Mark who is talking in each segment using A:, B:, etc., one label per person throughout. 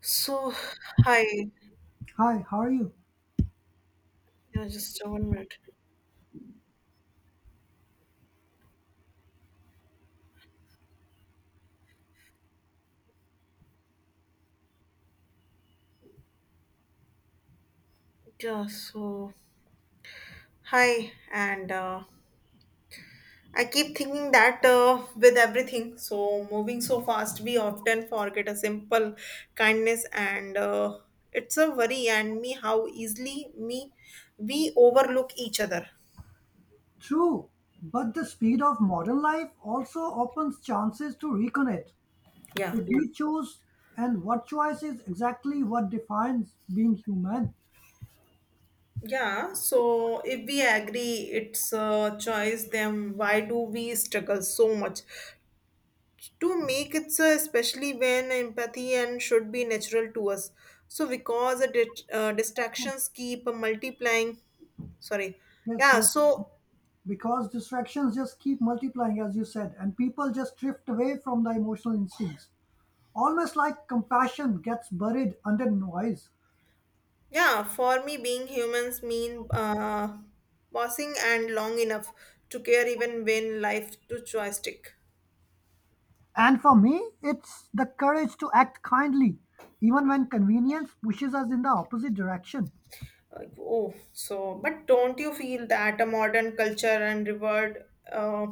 A: So, hi.
B: Hi, how are you?
A: Yeah, just 1 minute. Yeah, so, hi. And I keep thinking that with everything, so moving so fast, we often forget a simple kindness, and it's a worry and me how easily me we overlook each other.
B: True, but the speed of modern life also opens chances to reconnect.
A: Yeah.
B: If we choose, and what choice is exactly what defines being human.
A: Yeah, so if we agree it's a choice, then why do we struggle so much to make it so, especially when empathy and should be natural to us so because the distractions keep multiplying. Sorry.
B: Yes,
A: Yeah,
B: yes,
A: so
B: because distractions just keep multiplying, as you said, and people just drift away from the emotional instincts. Almost like compassion gets buried under noise.
A: yeah, for me being humans mean pausing and long enough to care even when life to joystick.
B: And for me, it's the courage to act kindly, even when convenience pushes us in the opposite direction.
A: Like, oh so, but don't you feel that a modern culture and reward uh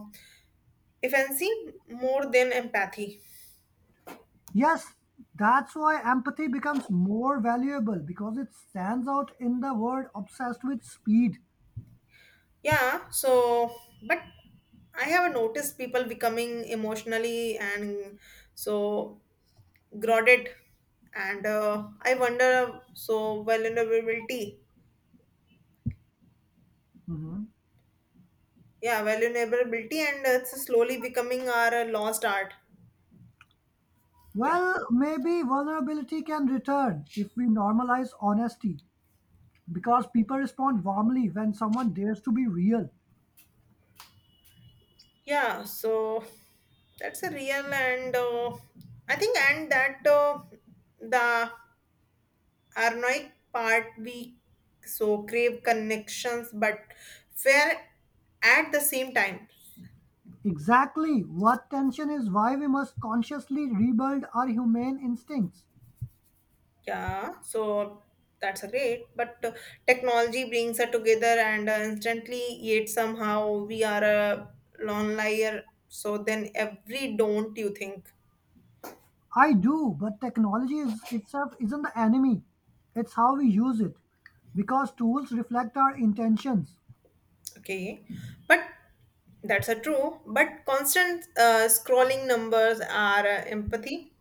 A: efficiency more than empathy?
B: Yes, that's why empathy becomes more valuable because it stands out in the world obsessed with speed.
A: Yeah, so but I have noticed people becoming emotionally and so grounded, and I wonder so vulnerability.
B: Hmm.
A: Yeah, vulnerability, and it's slowly becoming our lost art. Yeah,
B: Well, maybe vulnerability can return if we normalize honesty because people respond warmly when someone dares to be real.
A: yeah. So that's a real and I think and that the ironic part we so crave connections, but fair at the same time.
B: Exactly what tension is why we must consciously rebuild our humane instincts.
A: Yeah, so that's a great. But technology brings us together and instantly, yet somehow we are a lone liar. So then every, don't you think?
B: I do, but technology is itself isn't the enemy. It's how we use it because tools reflect our intentions.
A: Okay, but that's a true. But constant scrolling numbers are empathy.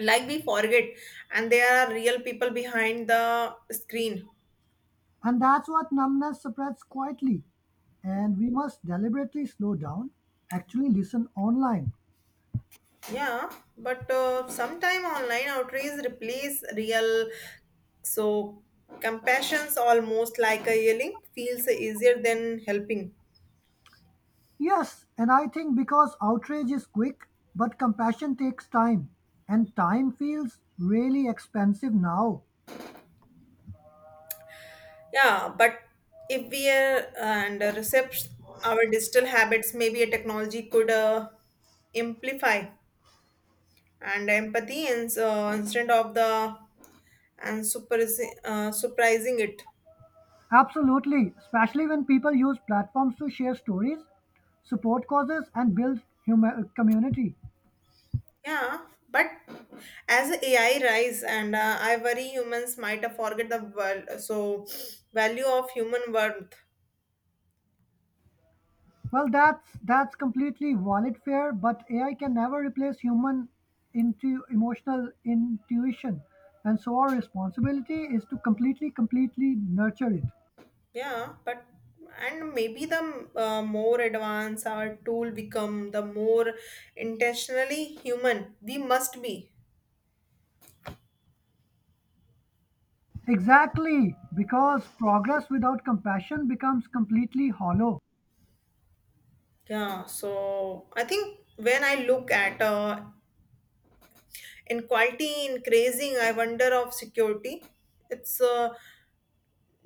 A: Like, we forget, and there are real people behind the screen.
B: And that's what numbness spreads quietly. And we must deliberately slow down, actually listen online.
A: Yeah, but sometime online outreach replace real, so compassion's almost like a yelling feels easier than helping.
B: Yes, and I think because outrage is quick, but compassion takes time. And time feels really expensive now.
A: Yeah, but if we and recept our digital habits, maybe a technology could amplify and empathy and instead of the and super surprising it.
B: Absolutely, especially when people use platforms to share stories, support causes, and build community.
A: Yeah, but as AI rise and I worry humans might have forget the value of human worth.
B: Well, that's completely valid fear, but AI can never replace human into emotional intuition, and so our responsibility is to completely nurture it.
A: Yeah, but and maybe the more advanced our tool become, the more intentionally human we must be.
B: Exactly, because progress without compassion becomes completely hollow.
A: Yeah, so I think when I look at inequality increasing, I wonder of security. It's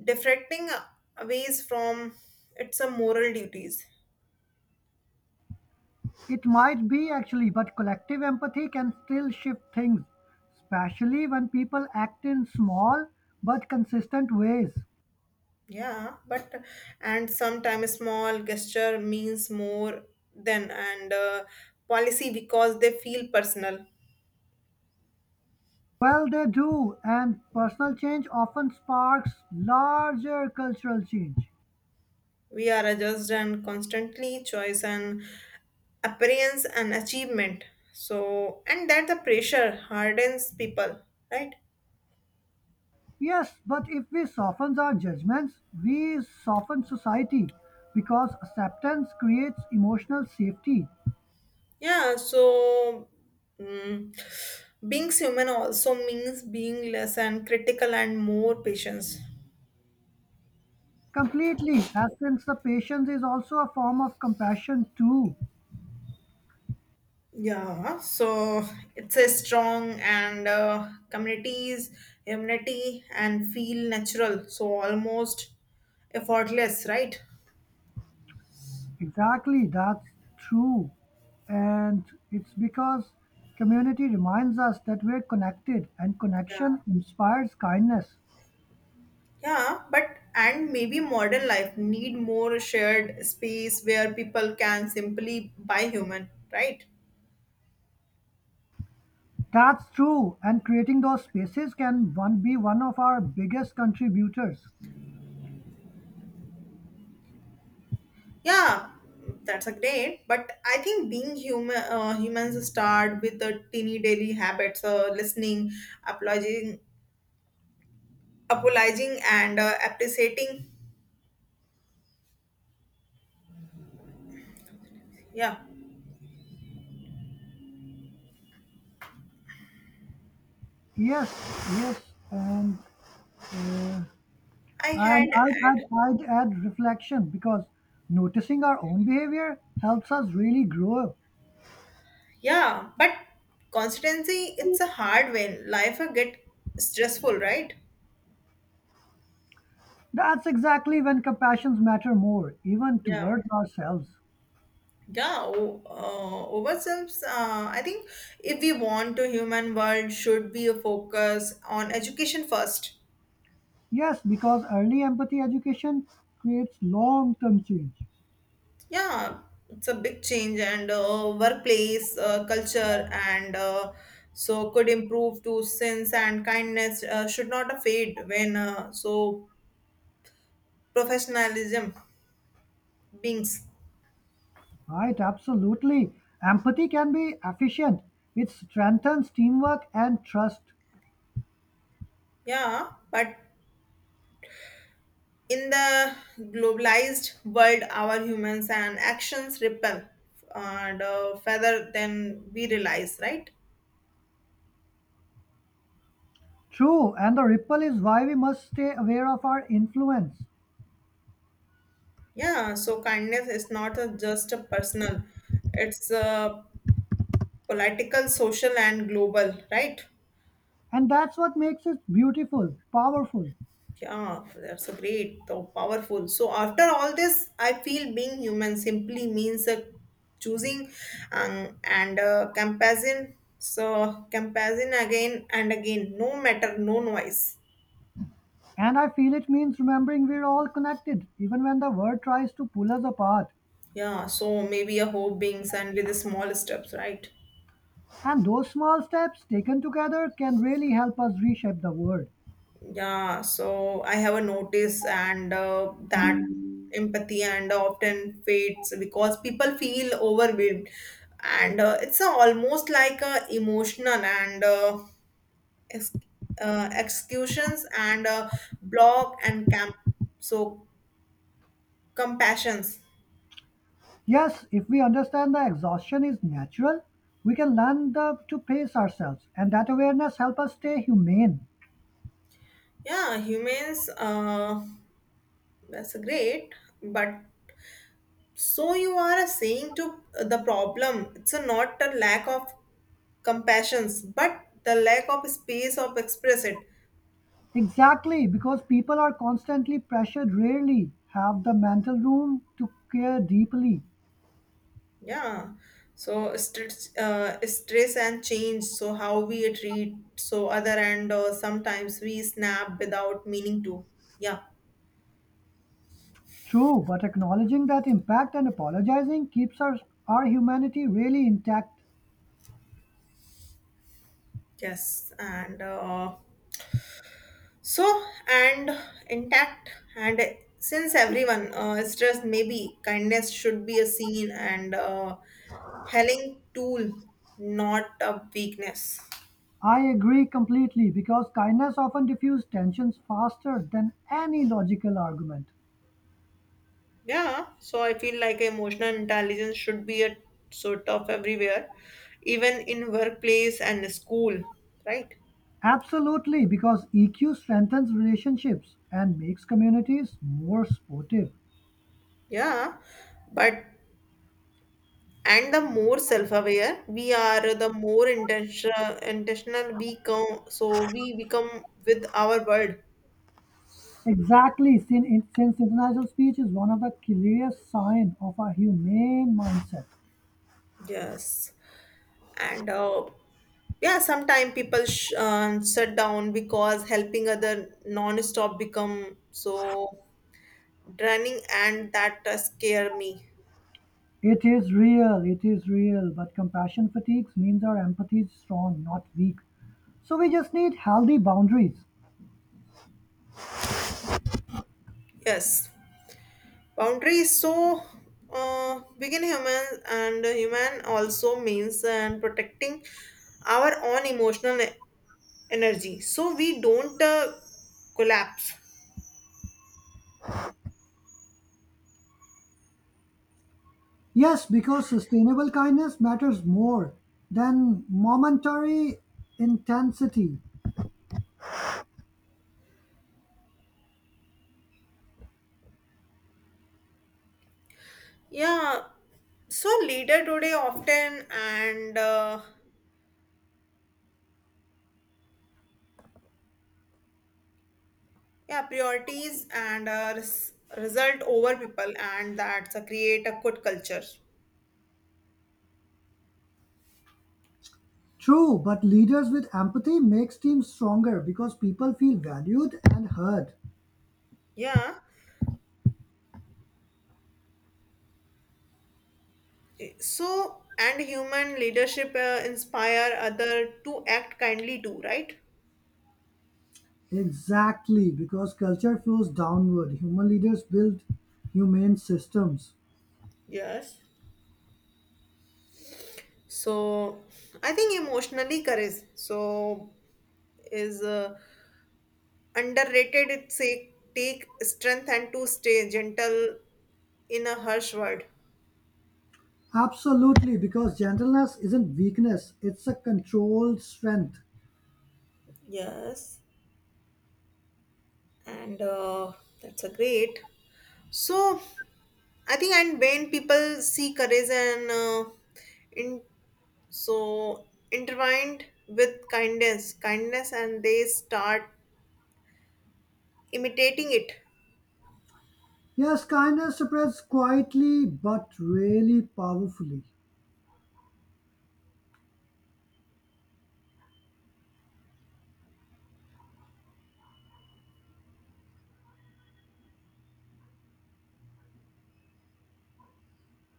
A: deflecting ways from it's a moral duties.
B: It might be actually, but collective empathy can still shift things, especially when people act in small but consistent ways.
A: Yeah, but and sometimes small gesture means more than and policy because they feel personal.
B: Well, they do, and personal change often sparks larger cultural change.
A: We are adjust and constantly choice and appearance and achievement. So and that the pressure hardens people, right?
B: Yes, but if we soften our judgments, we soften society because acceptance creates emotional safety.
A: Yeah. So mm, being human also means being less and critical and more patience.
B: Completely, as since the patience is also a form of compassion, too.
A: Yeah, so it's a strong and communities immunity and feel natural, so almost effortless, right?
B: Exactly, that's true. And it's because community reminds us that we're connected, and
A: Yeah,
B: connection inspires kindness.
A: yeah, but and maybe modern life need more shared space where people can simply buy human, right?
B: That's true, and creating those spaces can one be one of our biggest contributors.
A: Yeah, that's a great. But I think being human, humans start with the teeny daily habits, listening, apologizing, apologizing, and appreciating. Yeah,
B: Yes, yes, and
A: I had
B: and I'd,
A: had
B: I'd, I'd add reflection because noticing our own behavior helps us really grow.
A: yeah, but consistency it's a hard when life get stressful, right?
B: That's exactly when compassions matter more, even
A: Yeah.
B: towards ourselves.
A: Yeah, ourselves. I think if we want to human world, should be a focus on education first.
B: Yes, because early empathy education creates long-term change.
A: Yeah, it's a big change, and workplace culture and so could improve to sense and kindness should not fade when so professionalism beings.
B: Right, absolutely. Empathy can be efficient. It strengthens teamwork and trust.
A: Yeah, but in the globalized world, our humans and actions ripple and further than we realize, right?
B: True, and the ripple is why we must stay aware of our influence.
A: Yeah, so kindness is not a, just a personal, it's a political, social, and global, right?
B: And that's what makes it beautiful, powerful.
A: Yeah, that's a great, though powerful. So after all this, I feel being human simply means choosing and comparison. So comparison again and again, no matter, no noise.
B: And I feel it means remembering we're all connected, even when the world tries to pull us apart.
A: Yeah, so maybe a hope being sent with the small steps, right?
B: And those small steps taken together can really help us reshape the world.
A: Yeah, so I have a notice and that empathy and often fades because people feel overwhelmed and it's almost like emotional and ex- executions and block and camp so compassions.
B: Yes, if we understand the exhaustion is natural, we can learn to pace ourselves, and that awareness helps us stay humane.
A: Yeah, humans that's great, but so you are saying to the problem it's a not a lack of compassions but the lack of space of express it.
B: Exactly, because people are constantly pressured rarely have the mental room to care deeply.
A: Yeah, so stress and change so how we treat so other and sometimes we snap without meaning to. Yeah.
B: True, but acknowledging that impact and apologizing keeps our humanity really intact.
A: Yes, and so and intact and since everyone is just maybe kindness should be a seen and helling tool, not a weakness.
B: I agree completely because kindness often diffuses tensions faster than any logical argument.
A: Yeah, so I feel like emotional intelligence should be a sort of everywhere, even in workplace and school, right?
B: Absolutely, because EQ strengthens relationships and makes communities more supportive.
A: Yeah, but and the more self-aware we are, the more intentional we come so we become with our world.
B: Exactly. Since international speech is one of the clearest signs of a humane mindset,
A: Yes, and yeah, sometimes people shut down because helping other non-stop become so draining and that scare me.
B: it is real, it is real. But compassion fatigues means our empathy is strong, not weak. So we just need healthy boundaries.
A: Yes, boundary is so begin human and human also means and protecting our own emotional energy so we don't collapse.
B: Yes, because sustainable kindness matters more than momentary intensity.
A: Yeah, so leader today often and yeah priorities and result over people and that's a create a good culture.
B: True, but leaders with empathy makes teams stronger because people feel valued and heard.
A: Yeah, so and human leadership inspire other to act kindly too, right?
B: Exactly, because culture flows downward. Human leaders build humane systems.
A: Yes, so I think emotionally courage so is underrated. It say take strength and to stay gentle in a harsh world.
B: Absolutely, because gentleness isn't weakness, it's a controlled strength.
A: Yes, and that's a great. So I think and when people see courage and in so intertwined with kindness, and they start imitating it.
B: Yes, kindness spreads quietly but really powerfully.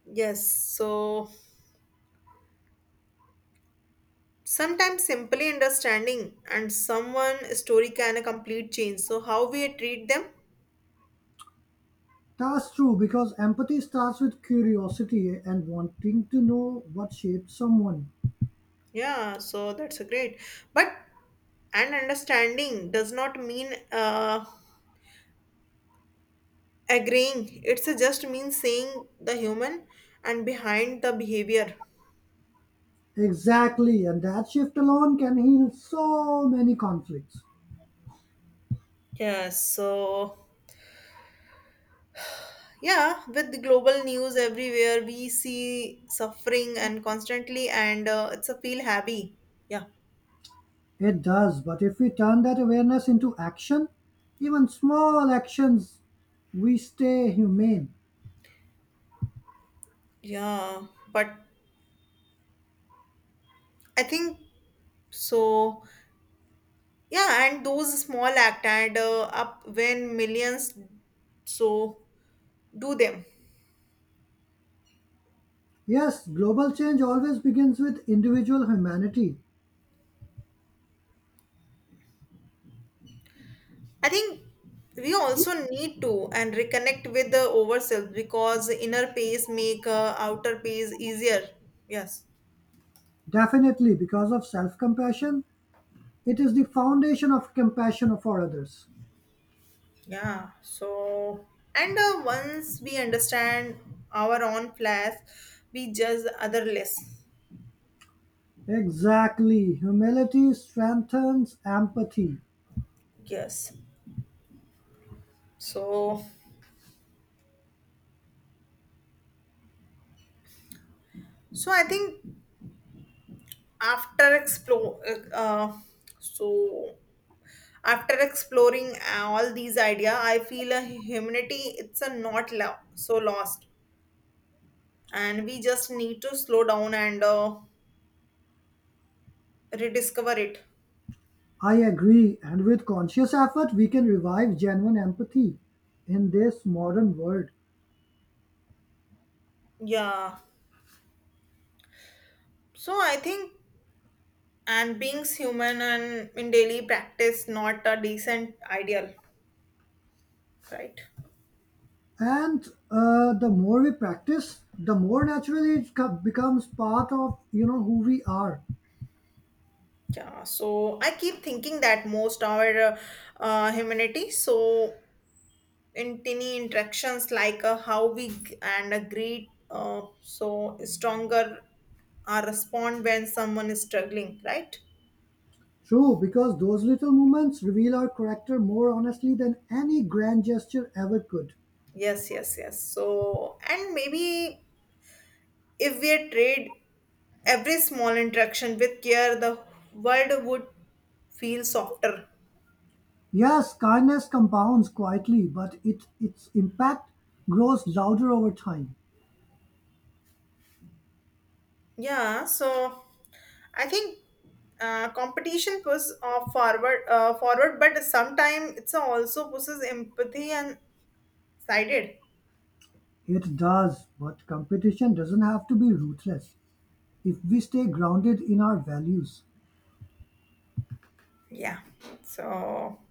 A: Yes, so sometimes simply understanding and someone story can a complete change. So how we treat them?
B: That's true because empathy starts with curiosity and wanting to know what shaped someone.
A: Yeah, so that's a great. But and understanding does not mean agreeing. It's a just means seeing the human and behind the behavior.
B: Exactly, and that shift alone can heal so many conflicts.
A: Yeah, so yeah, with the global news everywhere, we see suffering and constantly, and it's a feel happy. Yeah,
B: It does, but if we turn that awareness into action, even small actions, we stay humane.
A: yeah, but I think so. Yeah, and those small act and up when millions so do them.
B: Yes, global change always begins with individual humanity.
A: I think we also need to and reconnect with the ourselves because inner pace make outer pace easier. Yes.
B: Definitely, because of self compassion, it is the foundation of compassion for others.
A: Yeah. So and once we understand our own flaws, we judge other less.
B: Exactly. Humility strengthens empathy.
A: Yes. So so I think after explore so after exploring all these idea, I feel a humanity it's a not lost and we just need to slow down and rediscover it.
B: I agree, and with conscious effort, we can revive genuine empathy in this modern world.
A: Yeah, so I think and being human and in daily practice not a decent ideal, right?
B: And the more we practice the more naturally it becomes part of who we are.
A: Yeah, so I keep thinking that most our humanity so in tiny interactions like how we g- and greet so stronger respond when someone is struggling, right?
B: True because those little moments reveal our character more honestly than any grand gesture ever could.
A: Yes, yes, yes, so and maybe if we trade every small interaction with care, the world would feel softer.
B: Yes, kindness compounds quietly, but it its impact grows louder over time.
A: Yeah, so I think competition pushes forward, but sometimes it's also pushes empathy and sided.
B: It does, but competition doesn't have to be ruthless if we stay grounded in our values.
A: Yeah. So,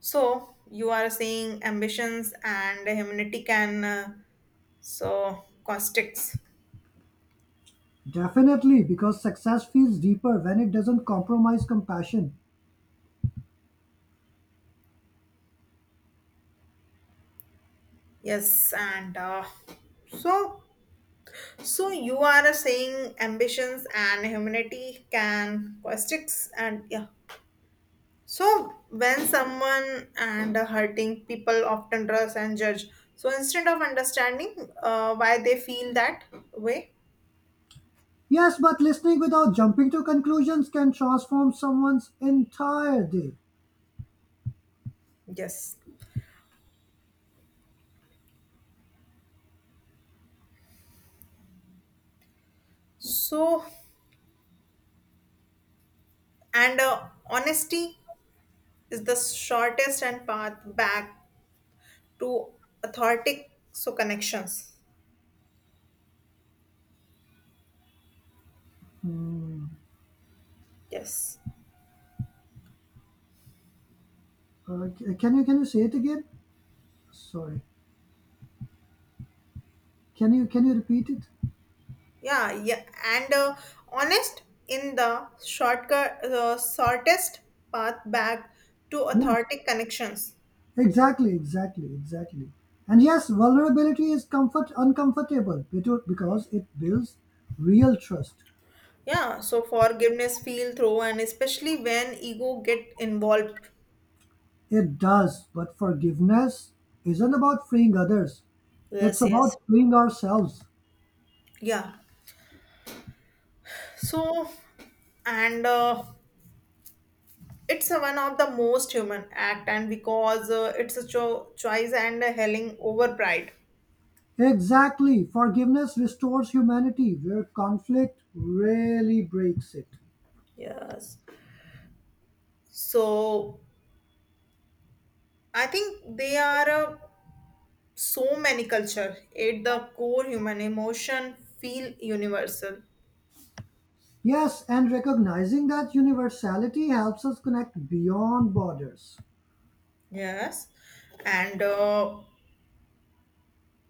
A: so, you are saying ambitions and humanity can so caustics.
B: Definitely, because success feels deeper when it doesn't compromise compassion.
A: Yes, and so So you are saying ambitions and humanity can costics and yeah. So when someone and hurting people often trust and judge. So instead of understanding why they feel that way,
B: Yes, but listening without jumping to conclusions can transform someone's entire day.
A: yes. So and honesty is the shortest and path back to authentic so connections.
B: Hmm.
A: Yes.
B: Can you say it again? Sorry. Can you repeat it?
A: Yeah, yeah, and honest in the shortest path back to
B: Yes.
A: authentic connections.
B: Exactly. And yes, vulnerability is comfort uncomfortable because it builds real trust.
A: Yeah, so forgiveness feel through, and especially when ego get involved.
B: It does, but forgiveness isn't about freeing others. It's
A: Yes, yes.
B: about freeing ourselves.
A: Yeah, so and it's a one of the most human act, and because it's a choice and a helling over pride.
B: Exactly. Forgiveness restores humanity where conflict really breaks it.
A: Yes. So I think they are. So many culture at the core human emotion feel universal.
B: Yes, and recognizing that universality helps us connect beyond borders.
A: Yes, and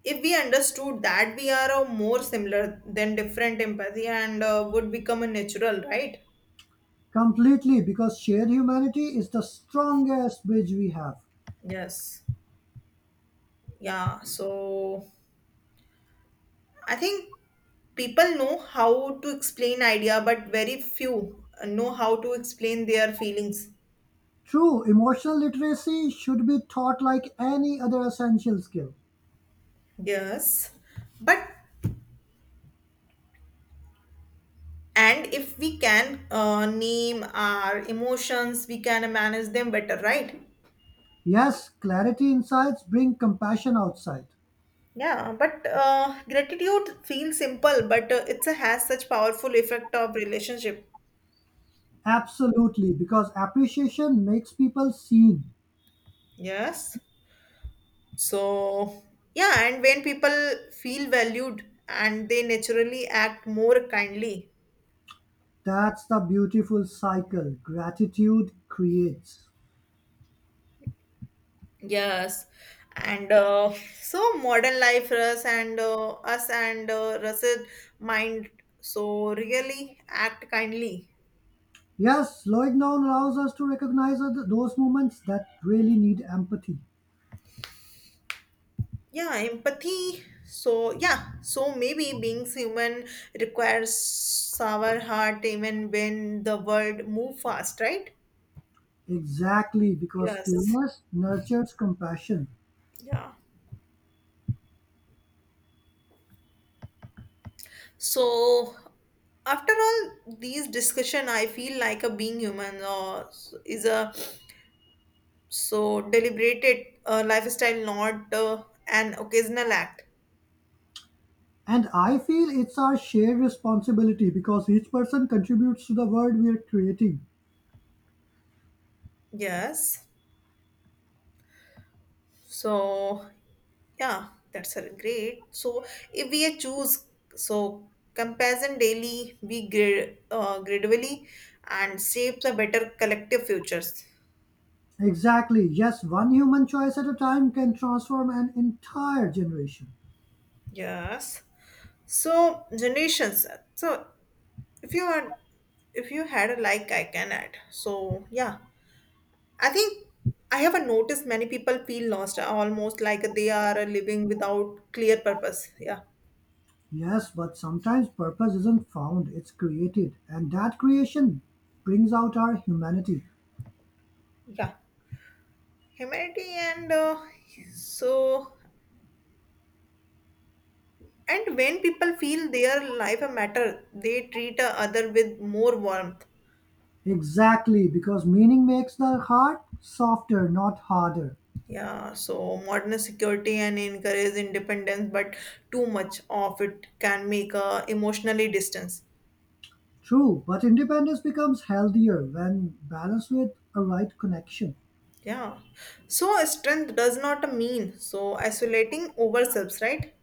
A: if we understood that we are more similar than different, empathy and would become a natural, right?
B: Completely, because shared humanity is the strongest bridge we have.
A: Yes. Yeah, so I think people know how to explain idea but very few know how to explain their feelings.
B: True, emotional literacy should be taught like any other essential skill.
A: Yes, but and if we can name our emotions we can manage them better, right?
B: Yes, clarity insights bring compassion outside.
A: Yeah, but gratitude feels simple but it's a has such powerful effect of relationship.
B: Absolutely, because appreciation makes people seen.
A: Yes, so yeah, and when people feel valued and they naturally act more kindly.
B: That's the beautiful cycle gratitude creates.
A: Yes, and so modern life us and russet mind so really act kindly.
B: Yes, slowing down allows us to recognize those moments that really need empathy.
A: Yeah, empathy so yeah, so maybe being human requires our heart even when the world move fast, right?
B: Exactly, because
A: Yes,
B: stillness nurtures compassion.
A: yeah, so after all these discussion I feel like a being human is a so deliberated lifestyle not an occasional act.
B: And I feel it's our shared responsibility because each person contributes to the world we are creating.
A: Yes, so yeah, that's a great. So if we choose so comparison daily, we grade gradually and shapes a better collective futures.
B: Exactly, yes, one human choice at a time can transform an entire generation.
A: Yes. So generations. So if you are if you had a like I can add. So yeah. I think I have a noticed many people feel lost almost like they are living without clear purpose. Yeah.
B: Yes, but sometimes purpose isn't found, it's created. And that creation brings out our humanity.
A: Yeah. Humanity and so and when people feel their life a matter, they treat a other with more warmth.
B: Exactly, because meaning makes the heart softer, not harder.
A: Yeah, so modern security and encourage independence, but too much of it can make a emotionally distance.
B: True, but independence becomes healthier when balanced with a right connection.
A: Yeah. So strength does not mean so isolating ourselves, right?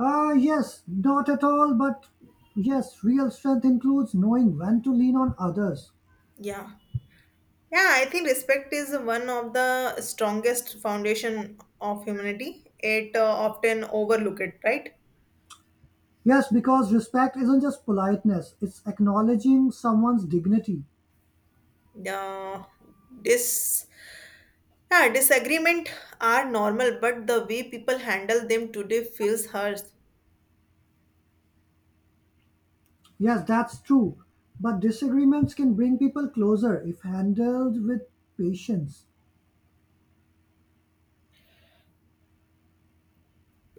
B: Ah, yes, not at all, but yes, real strength includes knowing when to lean on others.
A: Yeah. Yeah, I think respect is one of the strongest foundation of humanity. It often overlooked, right?
B: Yes, because respect isn't just politeness, it's acknowledging someone's dignity.
A: Yeah, this yeah, disagreement are normal, but the way people handle them today feels hurts.
B: Yes, that's true, but disagreements can bring people closer if handled with patience.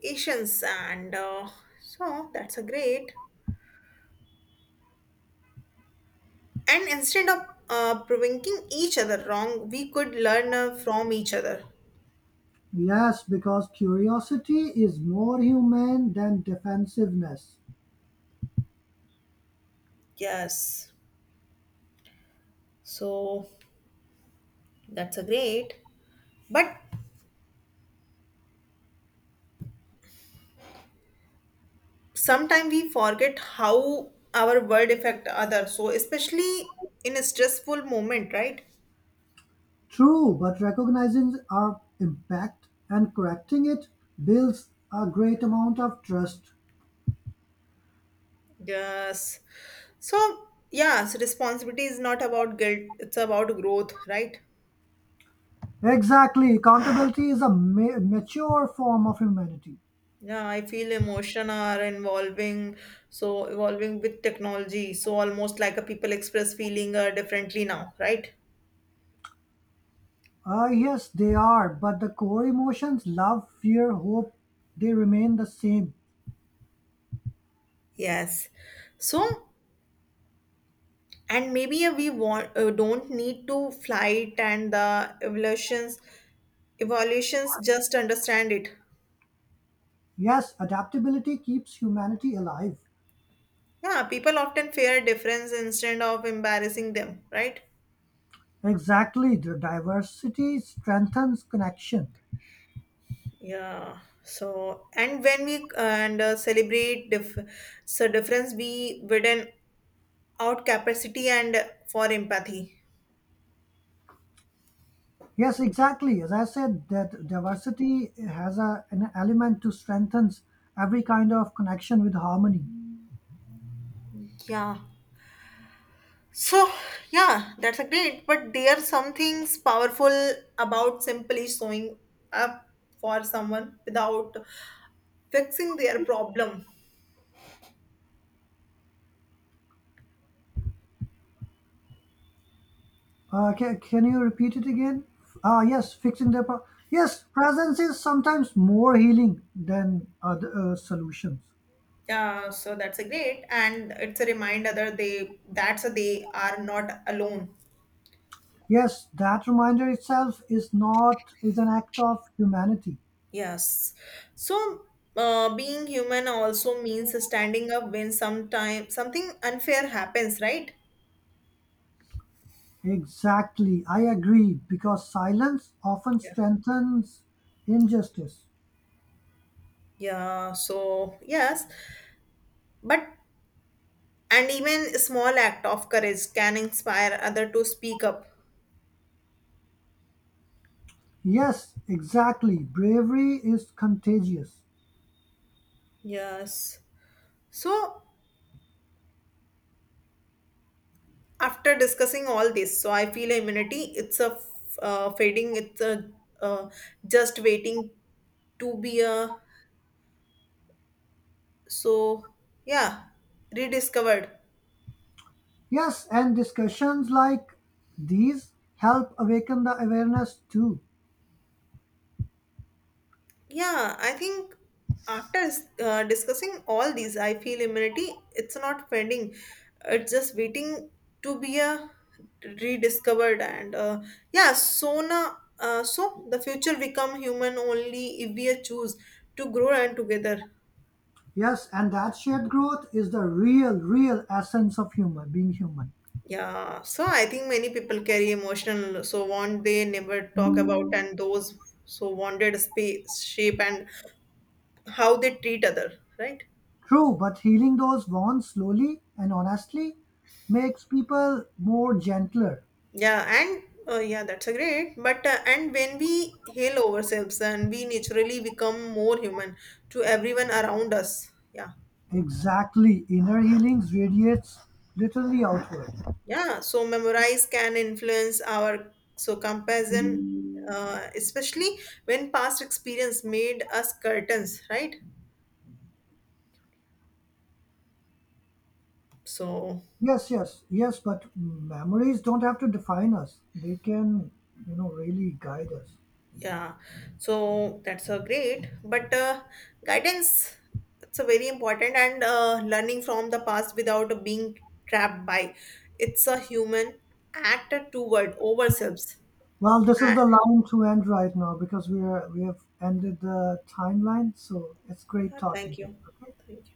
A: Patience, and so that's a great. And instead of provoking each other wrong, we could learn from each other.
B: Yes, because curiosity is more human than defensiveness.
A: Yes, so that's a great. But sometimes we forget how our word affect others. So especially in a stressful moment, right?
B: True, but recognizing our impact and correcting it builds a great amount of trust.
A: Yes. So, yes, responsibility is not about guilt, it's about growth, right?
B: Exactly, accountability is a mature form of humanity.
A: Yeah, I feel emotion are involving, so evolving with technology. So almost like a people express feeling differently now, right?
B: Yes, they are, but the core emotions love, fear, hope, they remain the same.
A: Yes. So, and maybe we want don't need to flight and the evolutions just understand it.
B: Yes, adaptability keeps humanity alive.
A: Yeah, people often fear difference instead of embarrassing them, right?
B: Exactly, the diversity strengthens connection.
A: Yeah. So, and when we and celebrate difference, we widen out capacity and for empathy.
B: Yes, exactly. As I said, that diversity has an element to strengthens every kind of connection with harmony.
A: Yeah. So, yeah, that's a great. But there are some things powerful about simply showing up for someone without fixing their problem.
B: Can you repeat it again? Ah, yes, yes, presence is sometimes more healing than other solutions.
A: Yeah. So that's a great, and it's a reminder that they that's a, they are not alone.
B: Yes, that reminder itself is not is an act of humanity.
A: Yes. So, being human also means standing up when sometime something unfair happens, right?
B: Exactly, I agree, because silence often
A: Yeah.
B: strengthens injustice.
A: Yeah. So, yes. But, and even small act of courage can inspire other to speak up.
B: Yes, exactly, bravery is contagious.
A: Yes. So, after discussing all this, so I feel immunity, it's a fading, it's a uh, just waiting to be a, so, yeah, rediscovered.
B: Yes, and discussions like these help awaken the awareness too.
A: Yeah, I think after discussing all these, I feel immunity, it's not fading. It's just waiting to be rediscovered. And yeah, so now, so the future become human only if we choose to grow and together.
B: Yes, and that shared growth is the real essence of human being human.
A: Yeah, so I think many people carry emotional, so want they never talk about, and those so wanted space, shape, and how they treat other, right?
B: True, but healing those wounds slowly and honestly makes people more gentler.
A: Yeah, and yeah, that's a great. But and when we heal ourselves, and we naturally become more human to everyone around us. Yeah,
B: Exactly. Inner healings radiates literally outward.
A: yeah. So memorize can influence our so comparison, especially when past experience made us curtains, right? So
B: Yes, but memories don't have to define us. They can, really guide us.
A: yeah, so that's a great, but guidance it's a very important and learning from the past without being trapped by it's a human act toward ourselves.
B: Well, this is
A: And,
B: the line to end right now because we have ended the timeline, so it's great
A: thank
B: talking to you.
A: you,
B: Okay.
A: thank you.